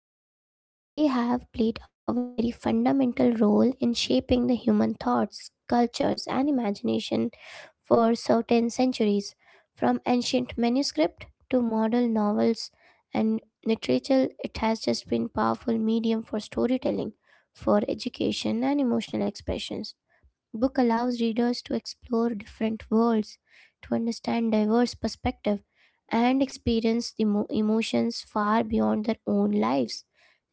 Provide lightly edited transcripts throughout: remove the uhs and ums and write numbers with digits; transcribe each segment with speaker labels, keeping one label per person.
Speaker 1: literature, they have played a very fundamental role in shaping the human thoughts, cultures, and imagination for certain centuries, from ancient manuscript to modern novels and literature. It has just been powerful medium for storytelling, for education, and emotional expressions. Book allows readers to explore different worlds, to understand diverse perspectives, and experience the emotions far beyond their own lives.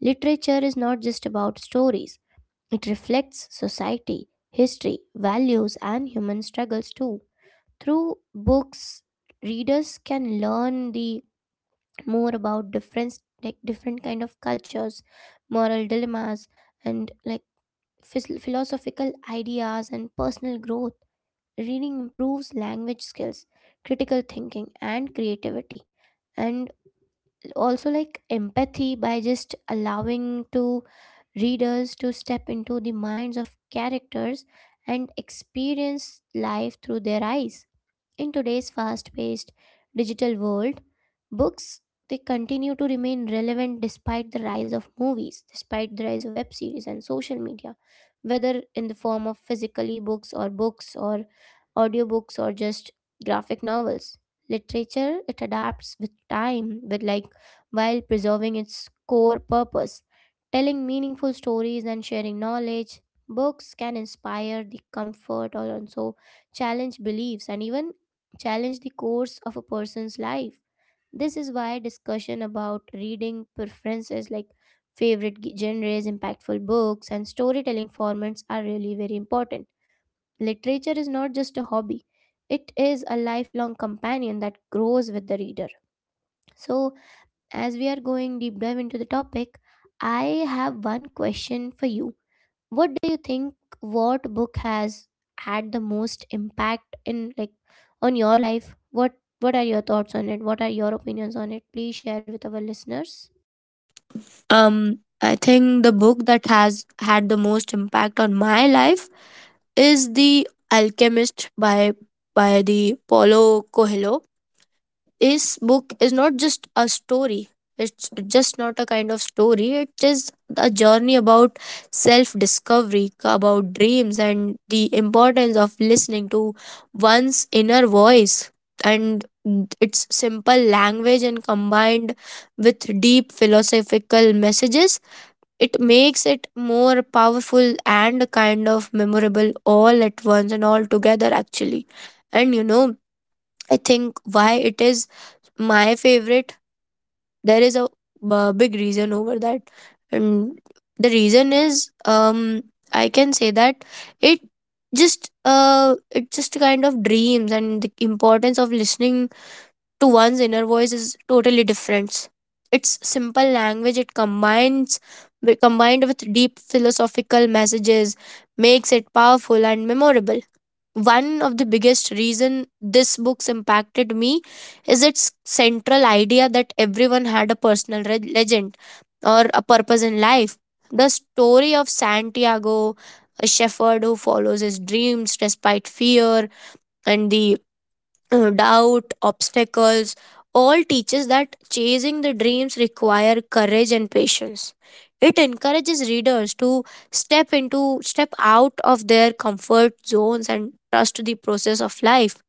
Speaker 1: Literature is not just about stories. It reflects society, history, values, and human struggles too. Through books, readers can learn the more about different like different kind of cultures, moral dilemmas, and like philosophical ideas and personal growth. Reading improves language skills, critical thinking, and creativity. And also, like empathy by just allowing to readers to step into the minds of characters and experience life through their eyes. In today's fast-paced digital world, books they continue to remain relevant despite the rise of movies, despite the rise of web series and social media, whether in the form of physically books or audiobooks or just graphic novels. Literature it adapts with time with like while preserving its core purpose, telling meaningful stories and sharing knowledge. Books can inspire the comfort or also challenge beliefs and even challenge the course of a person's life. This is why discussion about reading preferences like favorite genres, impactful books, and storytelling formats are really very important. Literature is not just a hobby, it is a lifelong companion that grows with the reader. So, as we are going deep dive into the topic, I have one question for you. What do you think, what book has had the most impact in like on your life? What are your thoughts on it? What are your opinions on it? Please share with our listeners.
Speaker 2: I think the book that has had the most impact on my life is The Alchemist by the Paulo Coelho. This book is not just a story. It's just not a kind of story. It is a journey about self discovery, about dreams, and the importance of listening to one's inner voice. And its simple language and combined with deep philosophical messages it makes it more powerful and kind of memorable all at once and all together, actually. And you know, I think why it is my favorite, there is a big reason over that. And the reason is, I can say that it just kind of dreams and the importance of listening to one's inner voice is totally different. It's simple language, it combines combined with deep philosophical messages, makes it powerful and memorable. One of the biggest reason this book's impacted me is its central idea that everyone had a personal legend or a purpose in life. The story of Santiago, a shepherd who follows his dreams despite fear and the doubt, obstacles, all teaches that chasing the dreams require courage and patience. It encourages readers to step out of their comfort zones and trust the process of life.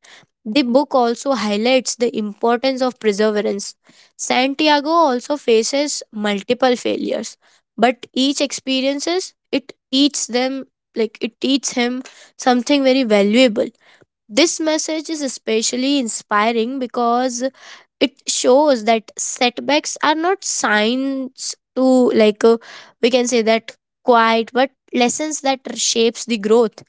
Speaker 2: The book also highlights the importance of perseverance. Santiago also faces multiple failures, but each experiences it teaches them like it teaches him, something very valuable. This message is especially inspiring because it shows that setbacks are not signs to like we can say that quiet but lessons that shapes the growth.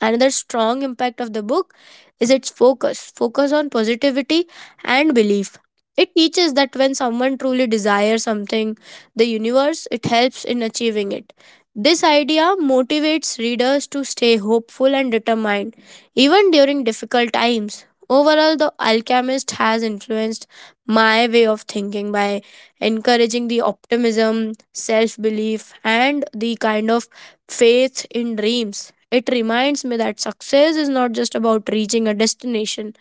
Speaker 2: Another strong impact of the book is its focus on positivity and belief. It teaches that when someone truly desires something, the universe, it helps in achieving it. This idea motivates readers to stay hopeful and determined, even during difficult times. Overall, The Alchemist has influenced my way of thinking by encouraging the optimism, self belief, and the kind of faith in dreams. It reminds me that success is not just about reaching a destination,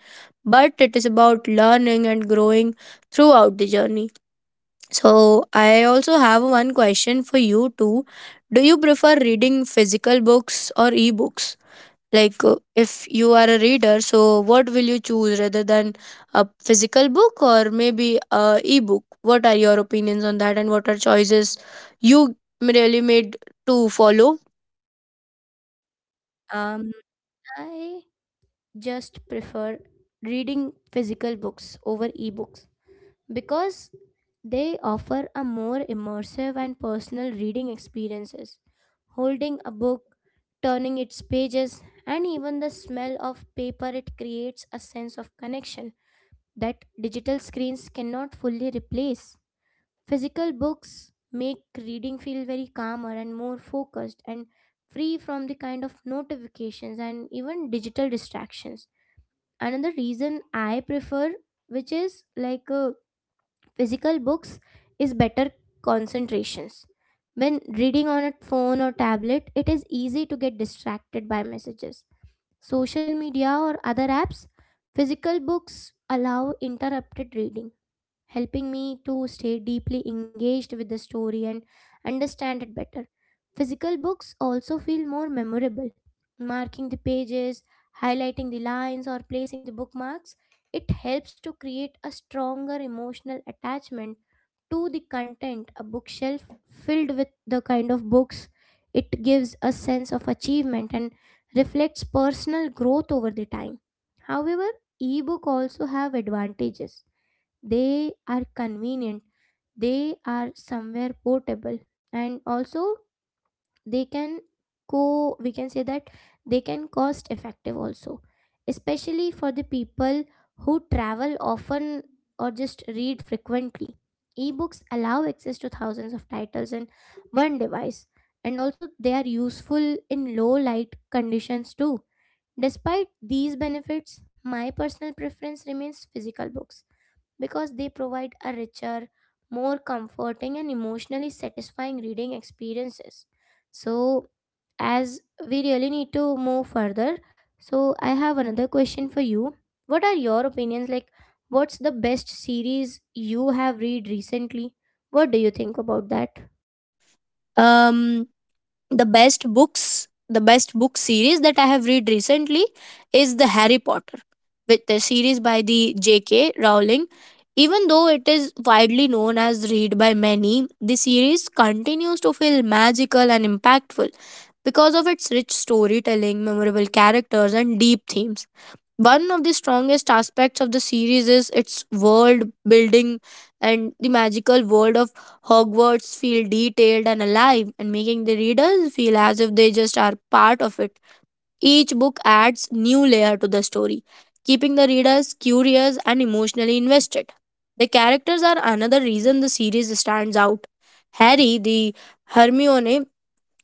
Speaker 2: but it is about learning and growing throughout the journey. So, I also have one question for you too. Do you prefer reading physical books or ebooks? Like, if you are a reader, so what will you choose rather than a physical book or maybe a ebook? What are your opinions on that, and what are choices you really made to follow?
Speaker 1: Um, I just prefer reading physical books over ebooks because they offer a more immersive and personal reading experiences. Holding a book, turning its pages, and even the smell of paper, it creates a sense of connection that digital screens cannot fully replace. Physical books make reading feel very calmer and more focused and free from the kind of notifications and even digital distractions. Another reason I prefer, which is like a physical books, is better concentrations. When reading on a phone or tablet, it is easy to get distracted by messages, social media, or other apps. Physical books allow interrupted reading, helping me to stay deeply engaged with the story and understand it better. Physical books also feel more memorable. Marking the pages, highlighting the lines, or placing the bookmarks, it helps to create a stronger emotional attachment to the content. A bookshelf filled with the kind of books, it gives a sense of achievement and reflects personal growth over the time. However, ebook also have advantages. They are convenient, they are somewhere portable, and also they can co we can say that they can cost effective also, especially for the people who travel often or just read frequently. Ebooks allow access to thousands of titles in one device, and also they are useful in low light conditions too. Despite these benefits, my personal preference remains physical books because they provide a richer, more comforting, and emotionally satisfying reading experiences. So, as we really need to move further, so I have another question for you. What are your opinions, like what's the best series you have read recently? What do you think about that?
Speaker 2: Um, the best book series that I have read recently is the Harry Potter with the series by the JK Rowling. Even though it is widely known as read by many, the series continues to feel magical and impactful because of its rich storytelling, memorable characters and deep themes. One of the strongest aspects of the series is its world building, and the magical world of Hogwarts feel detailed and alive and making the readers feel as if they just are part of it. Each book adds new layer to the story, keeping the readers curious and emotionally invested. The characters are another reason the series stands out. Harry, the Hermione,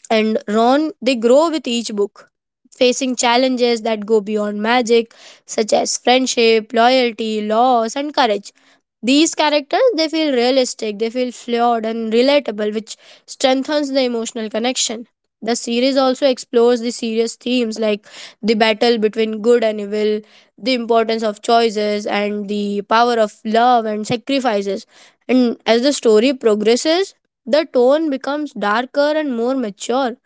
Speaker 2: and Ron, they grow with each book, facing challenges that go beyond magic, such as friendship, loyalty, loss, and courage. These characters they feel realistic, they feel flawed and relatable, which strengthens the emotional connection. The series also explores the serious themes like the battle between good and evil, the importance of choices, and the power of love and sacrifices. And as the story progresses, the tone becomes darker and more mature,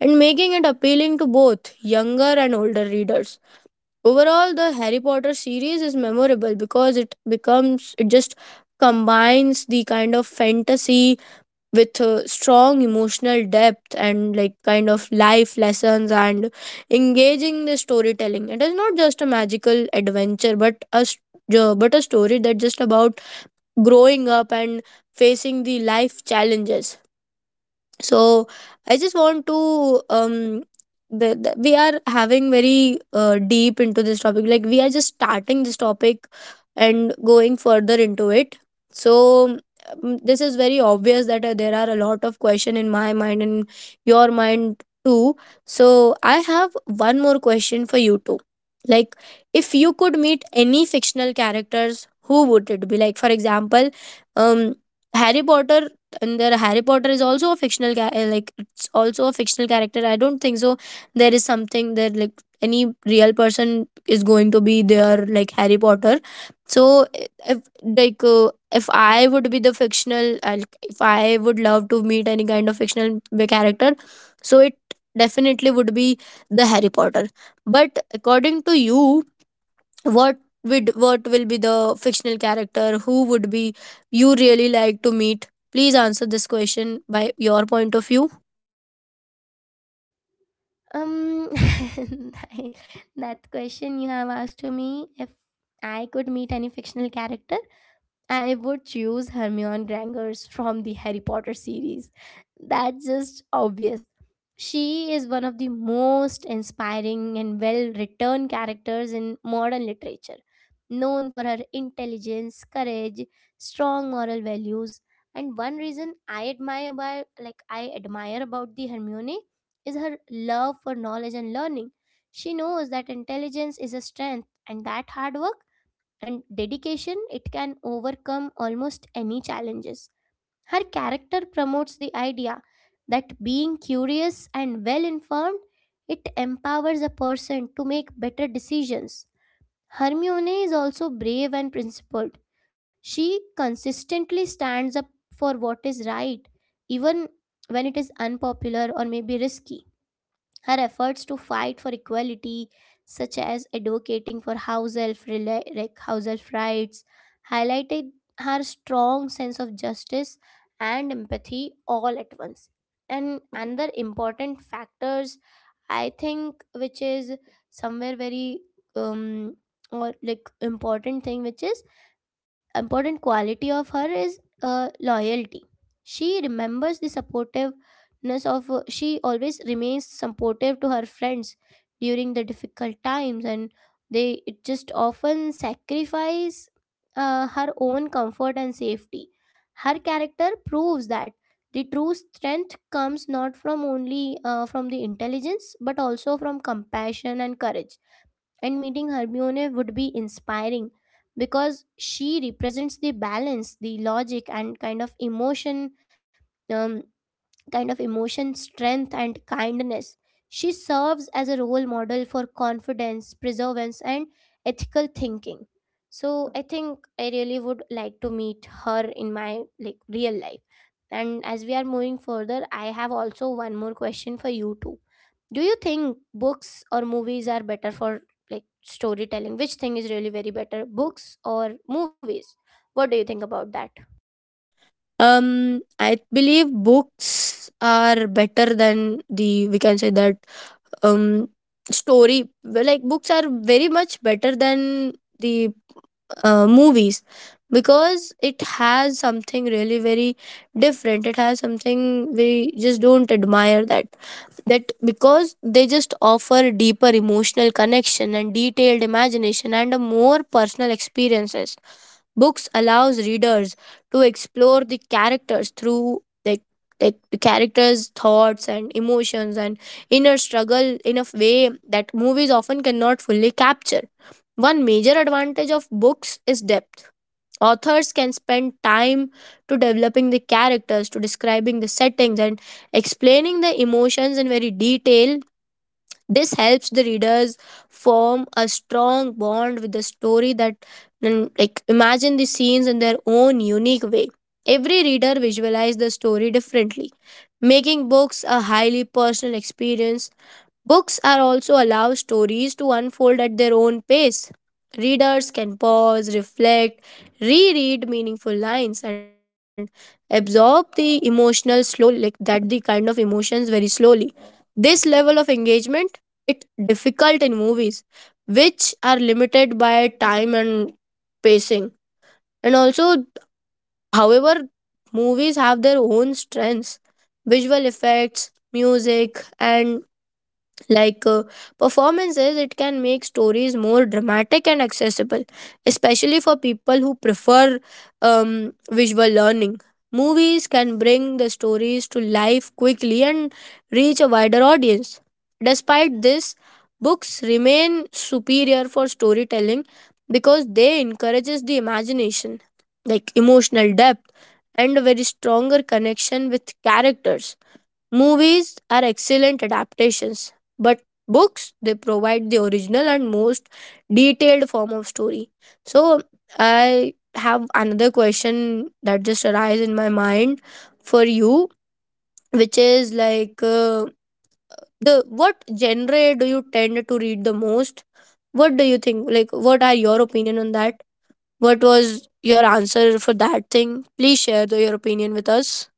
Speaker 2: and making it appealing to both younger and older readers. Overall, the Harry Potter series is memorable because it just combines the kind of fantasy with strong emotional depth and like kind of life lessons and engaging the storytelling. It is not just a magical adventure, but but a story that just about growing up and facing the life challenges. So I just want to we are having very deep into this topic, like we are just starting this topic and going further into it. So this is very obvious that there are a lot of question in my mind and your mind too. So I have one more question for you too. Like, if you could meet any fictional characters, who would it be? Like for example, um Harry Potter. And there Harry Potter is also a like it's also a fictional character. I don't think so there is something that like any real person is going to be there like Harry Potter. So if like uh, if I would be the fictional like, if I would love to meet any kind of fictional character, so it definitely would be the Harry Potter. But according to you, what would, what will be the fictional character who would be you really like to meet? Please answer this question by your point of view.
Speaker 1: um that question you have asked to me, if I could meet any fictional character, I would choose Hermione Granger from the Harry Potter series. That's just obvious. She is one of the most inspiring and well written characters in modern literature, known for her intelligence, courage, strong moral values. And one reason like I admire about the Hermione is her love for knowledge and learning. She knows that intelligence is a strength and that hard work and dedication, it can overcome almost any challenges. Her character promotes the idea that being curious and well informed, it empowers a person to make better decisions. Hermione is also brave and principled. She consistently stands up for what is right, even when it is unpopular or maybe risky. Her efforts to fight for equality, such as advocating for house elf, like house elf rights, highlighted her strong sense of justice and empathy all at once. And another important factors, I think, which is somewhere very um or like important thing, which is important quality of her is loyalty. She remembers the supportiveness of, she always remains supportive to her friends during the difficult times, and they it just often sacrifice her own comfort and safety. Her character proves that the true strength comes not from only from the intelligence but also from compassion and courage. And meeting Hermione would be inspiring because she represents the balance, the logic, and um, kind of emotion, strength, and kindness. She serves as a role model for confidence, perseverance, and ethical thinking. So I think I really would like to meet her in my like real life. And as we are moving further, I have also one more question for you too. Do you think books or movies are better for like storytelling? Which thing is really very better, books or movies? What do you think about that?
Speaker 2: I believe books are better than the we can say that um story. Well, like books are very much better than the movies, because it has something really very different. It has something we just don't admire that because they just offer deeper emotional connection and detailed imagination and a more personal experiences. Books allows readers to explore the characters through like the characters thoughts and emotions and inner struggle in a way that movies often cannot fully capture. One major advantage of books is depth. Authors can spend time to developing the characters, to describing the settings, and explaining the emotions in very detail. This helps the readers form a strong bond with the story that and like imagine the scenes in their own unique way. Every reader visualizes the story differently, making books a highly personal experience. Books are also allow stories to unfold at their own pace. Readers can pause, reflect, reread meaningful lines, and absorb the emotional slow like that the kind of emotions very slowly. This level of engagement it difficult in movies, which are limited by time and pacing. And also, however, movies have their own strengths, visual effects, music, and like uh, performances it can make stories more dramatic and accessible, especially for people who prefer visual learning. Movies can bring the stories to life quickly and reach a wider audience. Despite this, books remain superior for storytelling because they encourages the imagination, like emotional depth and a very stronger connection with characters. Movies are excellent adaptations, but books they provide the original and most detailed form of story. So I have another question that just arises in my mind for you, which is like the what genre do you tend to read the most? What do you think? Like, what are your opinion on that? What was your answer for that thing? Please share the, your opinion with us.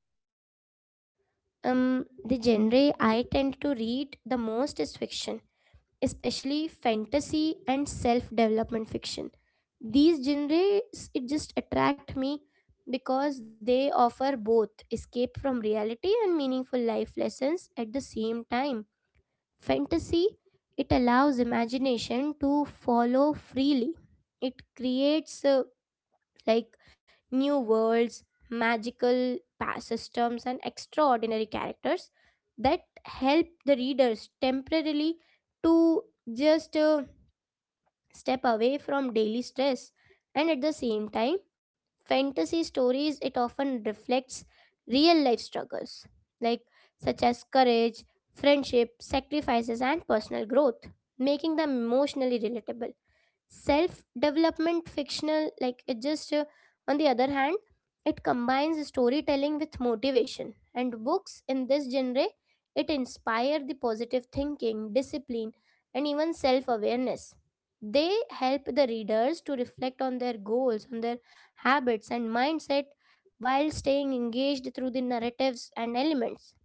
Speaker 1: The genre I tend to read the most is fiction, especially fantasy and self-development fiction. These genres it just attract me because they offer both escape from reality and meaningful life lessons at the same time. Fantasy, it allows imagination to follow freely. It creates like new worlds, magical past systems, and extraordinary characters that help the readers temporarily to just step away from daily stress. And at the same time, fantasy stories it often reflects real life struggles, like such as courage, friendship, sacrifices, and personal growth, making them emotionally relatable. Self development fictional, like it just on the other hand, it combines storytelling with motivation, and books in this genre, it inspire the positive thinking, discipline, and even self awareness. They help the readers to reflect on their goals, on their habits and mindset, while staying engaged through the narratives and elements.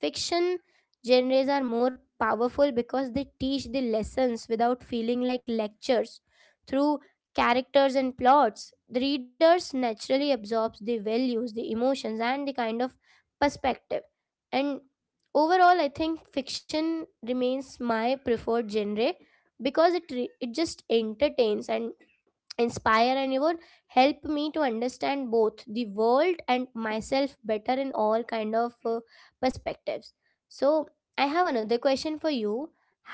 Speaker 1: Fiction genres are more powerful because they teach the lessons without feeling like lectures. Through characters and plots, the readers naturally absorbs the values, the emotions, and the kind of perspective. And overall, I think fiction remains my preferred genre because it just entertains and inspire and even help me to understand both the world and myself better in all kind of perspectives. So I have another question for you.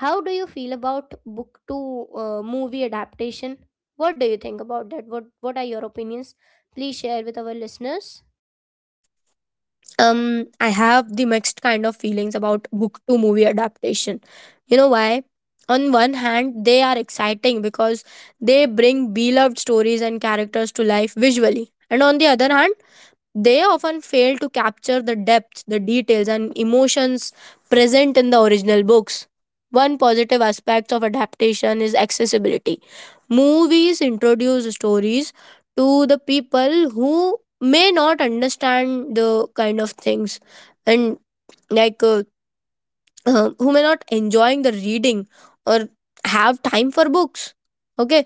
Speaker 1: How do you feel about book to movie adaptation? What do you think about that? What are your opinions? Please share with our listeners.
Speaker 2: um I have the mixed kind of feelings about book to movie adaptation. You know why? On one hand they are exciting because they bring beloved stories and characters to life visually, and on the other hand they often fail to capture the depth, the details, and emotions present in the original books. One positive aspect of adaptation is accessibility. Movies introduce stories to the people who may not understand the kind of things and like uh, who may not enjoying the reading or have time for books. Okay.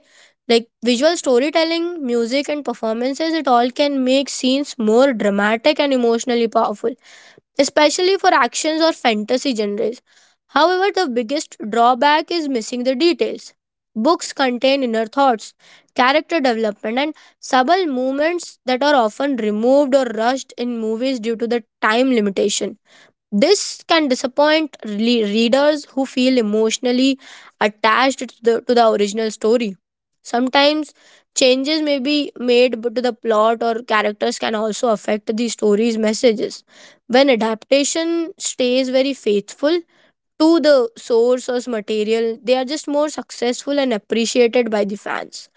Speaker 2: Like visual storytelling, music and performances it all can make scenes more dramatic and emotionally powerful, especially for actions or fantasy genres. However, the biggest drawback is missing the details. Books contain inner thoughts, character development and subtle movements that are often removed or rushed in movies due to the time limitation. This can disappoint readers who feel emotionally attached to the original story. Sometimes changes may be made but to the plot or characters can also affect the story's messages. When adaptation stays very faithful to the source or material, they are just more successful and appreciated by the fans.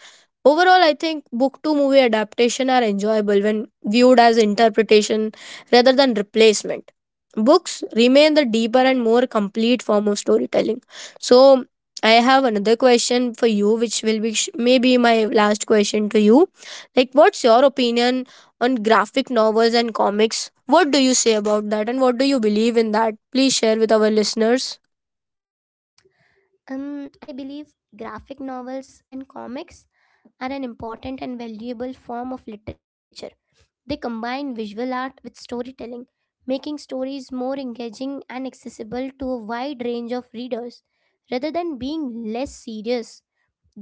Speaker 2: Overall, I think book to movie adaptation are enjoyable when viewed as interpretation rather than replacement. Books remain the deeper and more complete form of storytelling. So, I have another question for you, which will be maybe my last question to you. Like, what's your opinion on graphic novels and comics? What do you say about that, and what do you believe in that? Please share with our listeners.
Speaker 1: Um, I believe graphic novels and comics are an important and valuable form of literature. They combine visual art with storytelling, making stories more engaging and accessible to a wide range of readers. Rather than being less serious,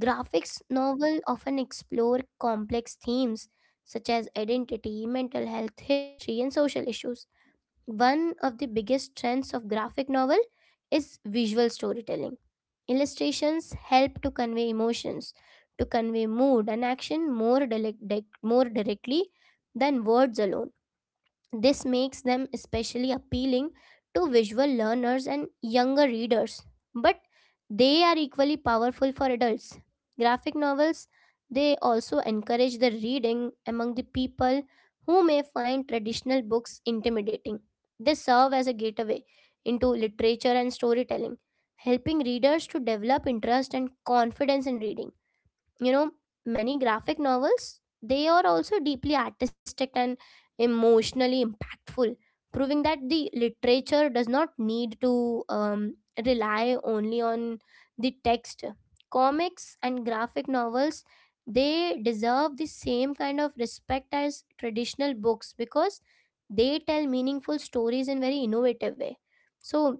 Speaker 1: graphics novels often explore complex themes such as identity, mental health, history, and social issues. One of the biggest strengths of graphic novel is visual storytelling. Illustrations help to convey emotions, to convey mood and action more directly than words alone. This makes them especially appealing to visual learners and younger readers, but they are equally powerful for adults. Graphic novels, they also encourage the reading among the people who may find traditional books intimidating. They serve as a gateway into literature and storytelling, helping readers to develop interest and confidence in reading. you know Many graphic novels, they are also deeply artistic and emotionally impactful, proving that the literature does not need to rely only on the text. Comics and graphic novels, they deserve the same kind of respect as traditional books because they tell meaningful stories in very innovative way. So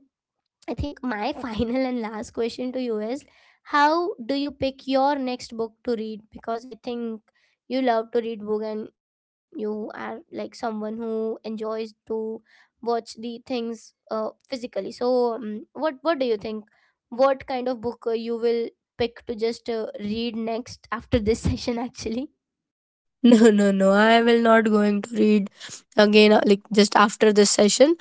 Speaker 1: I think my final and last question to you is, how do you pick your next book to read? Because I think you love to read book and you are like someone who enjoys to watch the things physically. So what do you think? What kind of book you will pick to just read next after this session actually?
Speaker 2: No, no, no. I will not going to read again like just after this session.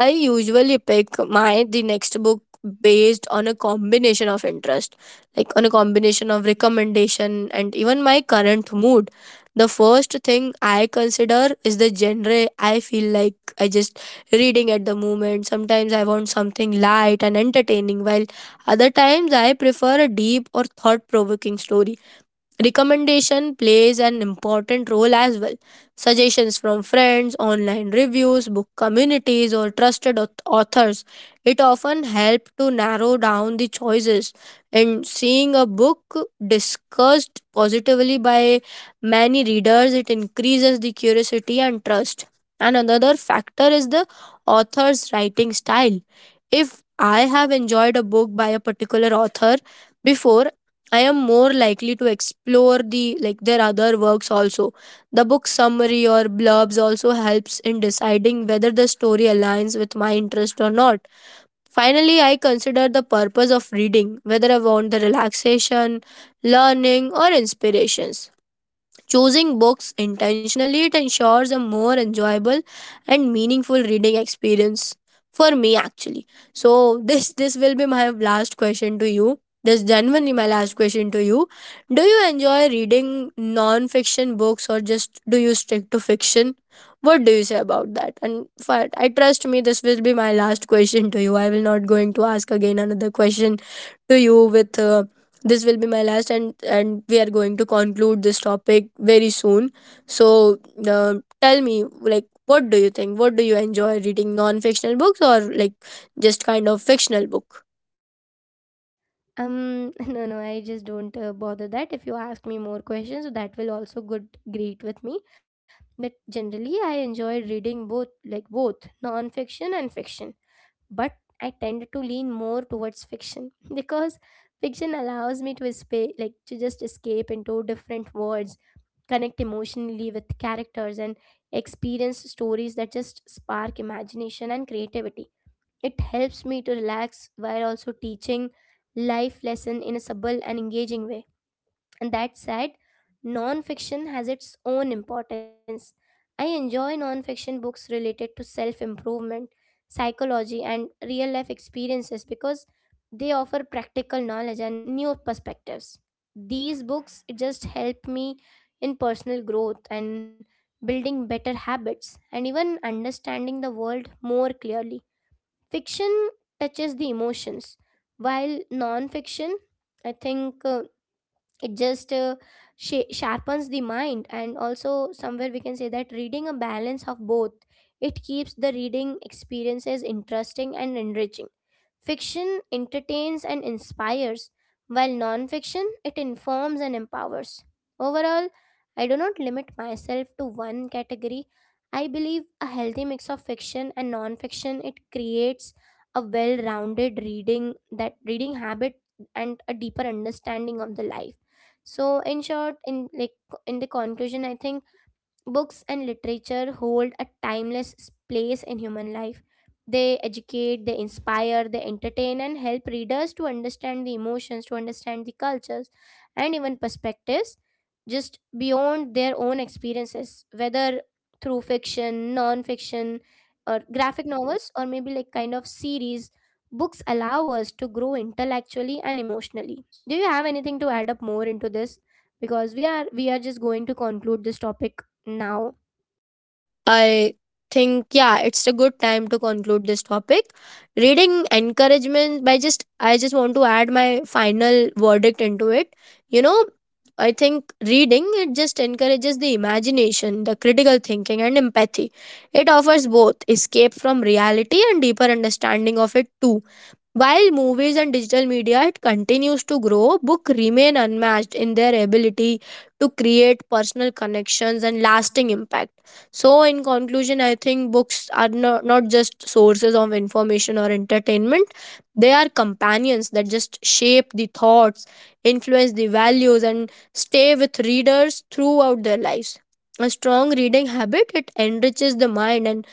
Speaker 2: I usually pick my the next book based on a combination of interest, like on a combination of recommendation and even my current mood. The first thing I consider is the genre I feel like I just reading at the moment. Sometimes I want something light and entertaining, while other times I prefer a deep or thought provoking story. Recommendation plays an important role as well. Suggestions from friends, online reviews, book communities, or trusted authors. It often helps to narrow down the choices. And seeing a book discussed positively by many readers, it increases the curiosity and trust. And another factor is the author's writing style. If I have enjoyed a book by a particular author before, I am more likely to explore the like their other works also. The book summary or blurbs also helps in deciding whether the story aligns with my interest or not. Finally, I consider the purpose of reading, whether I want the relaxation, learning, or inspirations. Choosing books intentionally it ensures a more enjoyable and meaningful reading experience for me actually. So this will be my last question to you. This genuinely my last question to you. Do you enjoy reading non-fiction books or just do you stick to fiction? What do you say about that? And for, I trust me, this will be my last question to you. I will not going to ask again another question to you with this will be my last, and we are going to conclude this topic very soon. So uh, tell me like what do you think, what do you enjoy reading non fictional books or like just kind of fictional book?
Speaker 1: No, no, I just don't bother that. If you ask me more questions, that will also good great with me. But generally, I enjoy reading both, like both non-fiction and fiction. But I tend to lean more towards fiction because fiction allows me to escape, like to just escape into different worlds, connect emotionally with characters, and experience stories that just spark imagination and creativity. It helps me to relax while also teaching life lesson in a subtle and engaging way. And that said, non-fiction has its own importance. I enjoy non-fiction books related to self-improvement, psychology, and real-life experiences because they offer practical knowledge and new perspectives. These books just help me in personal growth and building better habits and even understanding the world more clearly. Fiction touches the emotions, while non-fiction, I think it just sharpens the mind. And also, somewhere we can say that reading a balance of both, it keeps the reading experiences interesting and enriching. Fiction entertains and inspires, while nonfiction it informs and empowers. Overall, I do not limit myself to one category. I believe a healthy mix of fiction and nonfiction it creates a well-rounded reading, that reading habit and a deeper understanding of the life. So in short, in like in the conclusion, I think books and literature hold a timeless place in human life. They educate, they inspire, they entertain, and help readers to understand the emotions, to understand the cultures, and even perspectives just beyond their own experiences, whether through fiction, non fiction, or graphic novels, or maybe like kind of series. Books allow us to grow intellectually and emotionally. Do you have anything to add up more into this? Because we are just going to conclude this topic now.
Speaker 2: I think, yeah, it's a good time to conclude this topic. Reading encouragement by just, I just want to add my final verdict into it. You know, I think reading, it just encourages the imagination, the critical thinking, and empathy. It offers both escape from reality and deeper understanding of it, too. While movies and digital media it continues to grow, book remain unmatched in their ability to create personal connections and lasting impact. So, in conclusion, I think books are no, not just sources of information or entertainment, they are companions that just shape the thoughts, influence the values, and stay with readers throughout their lives. A strong reading habit it enriches the mind and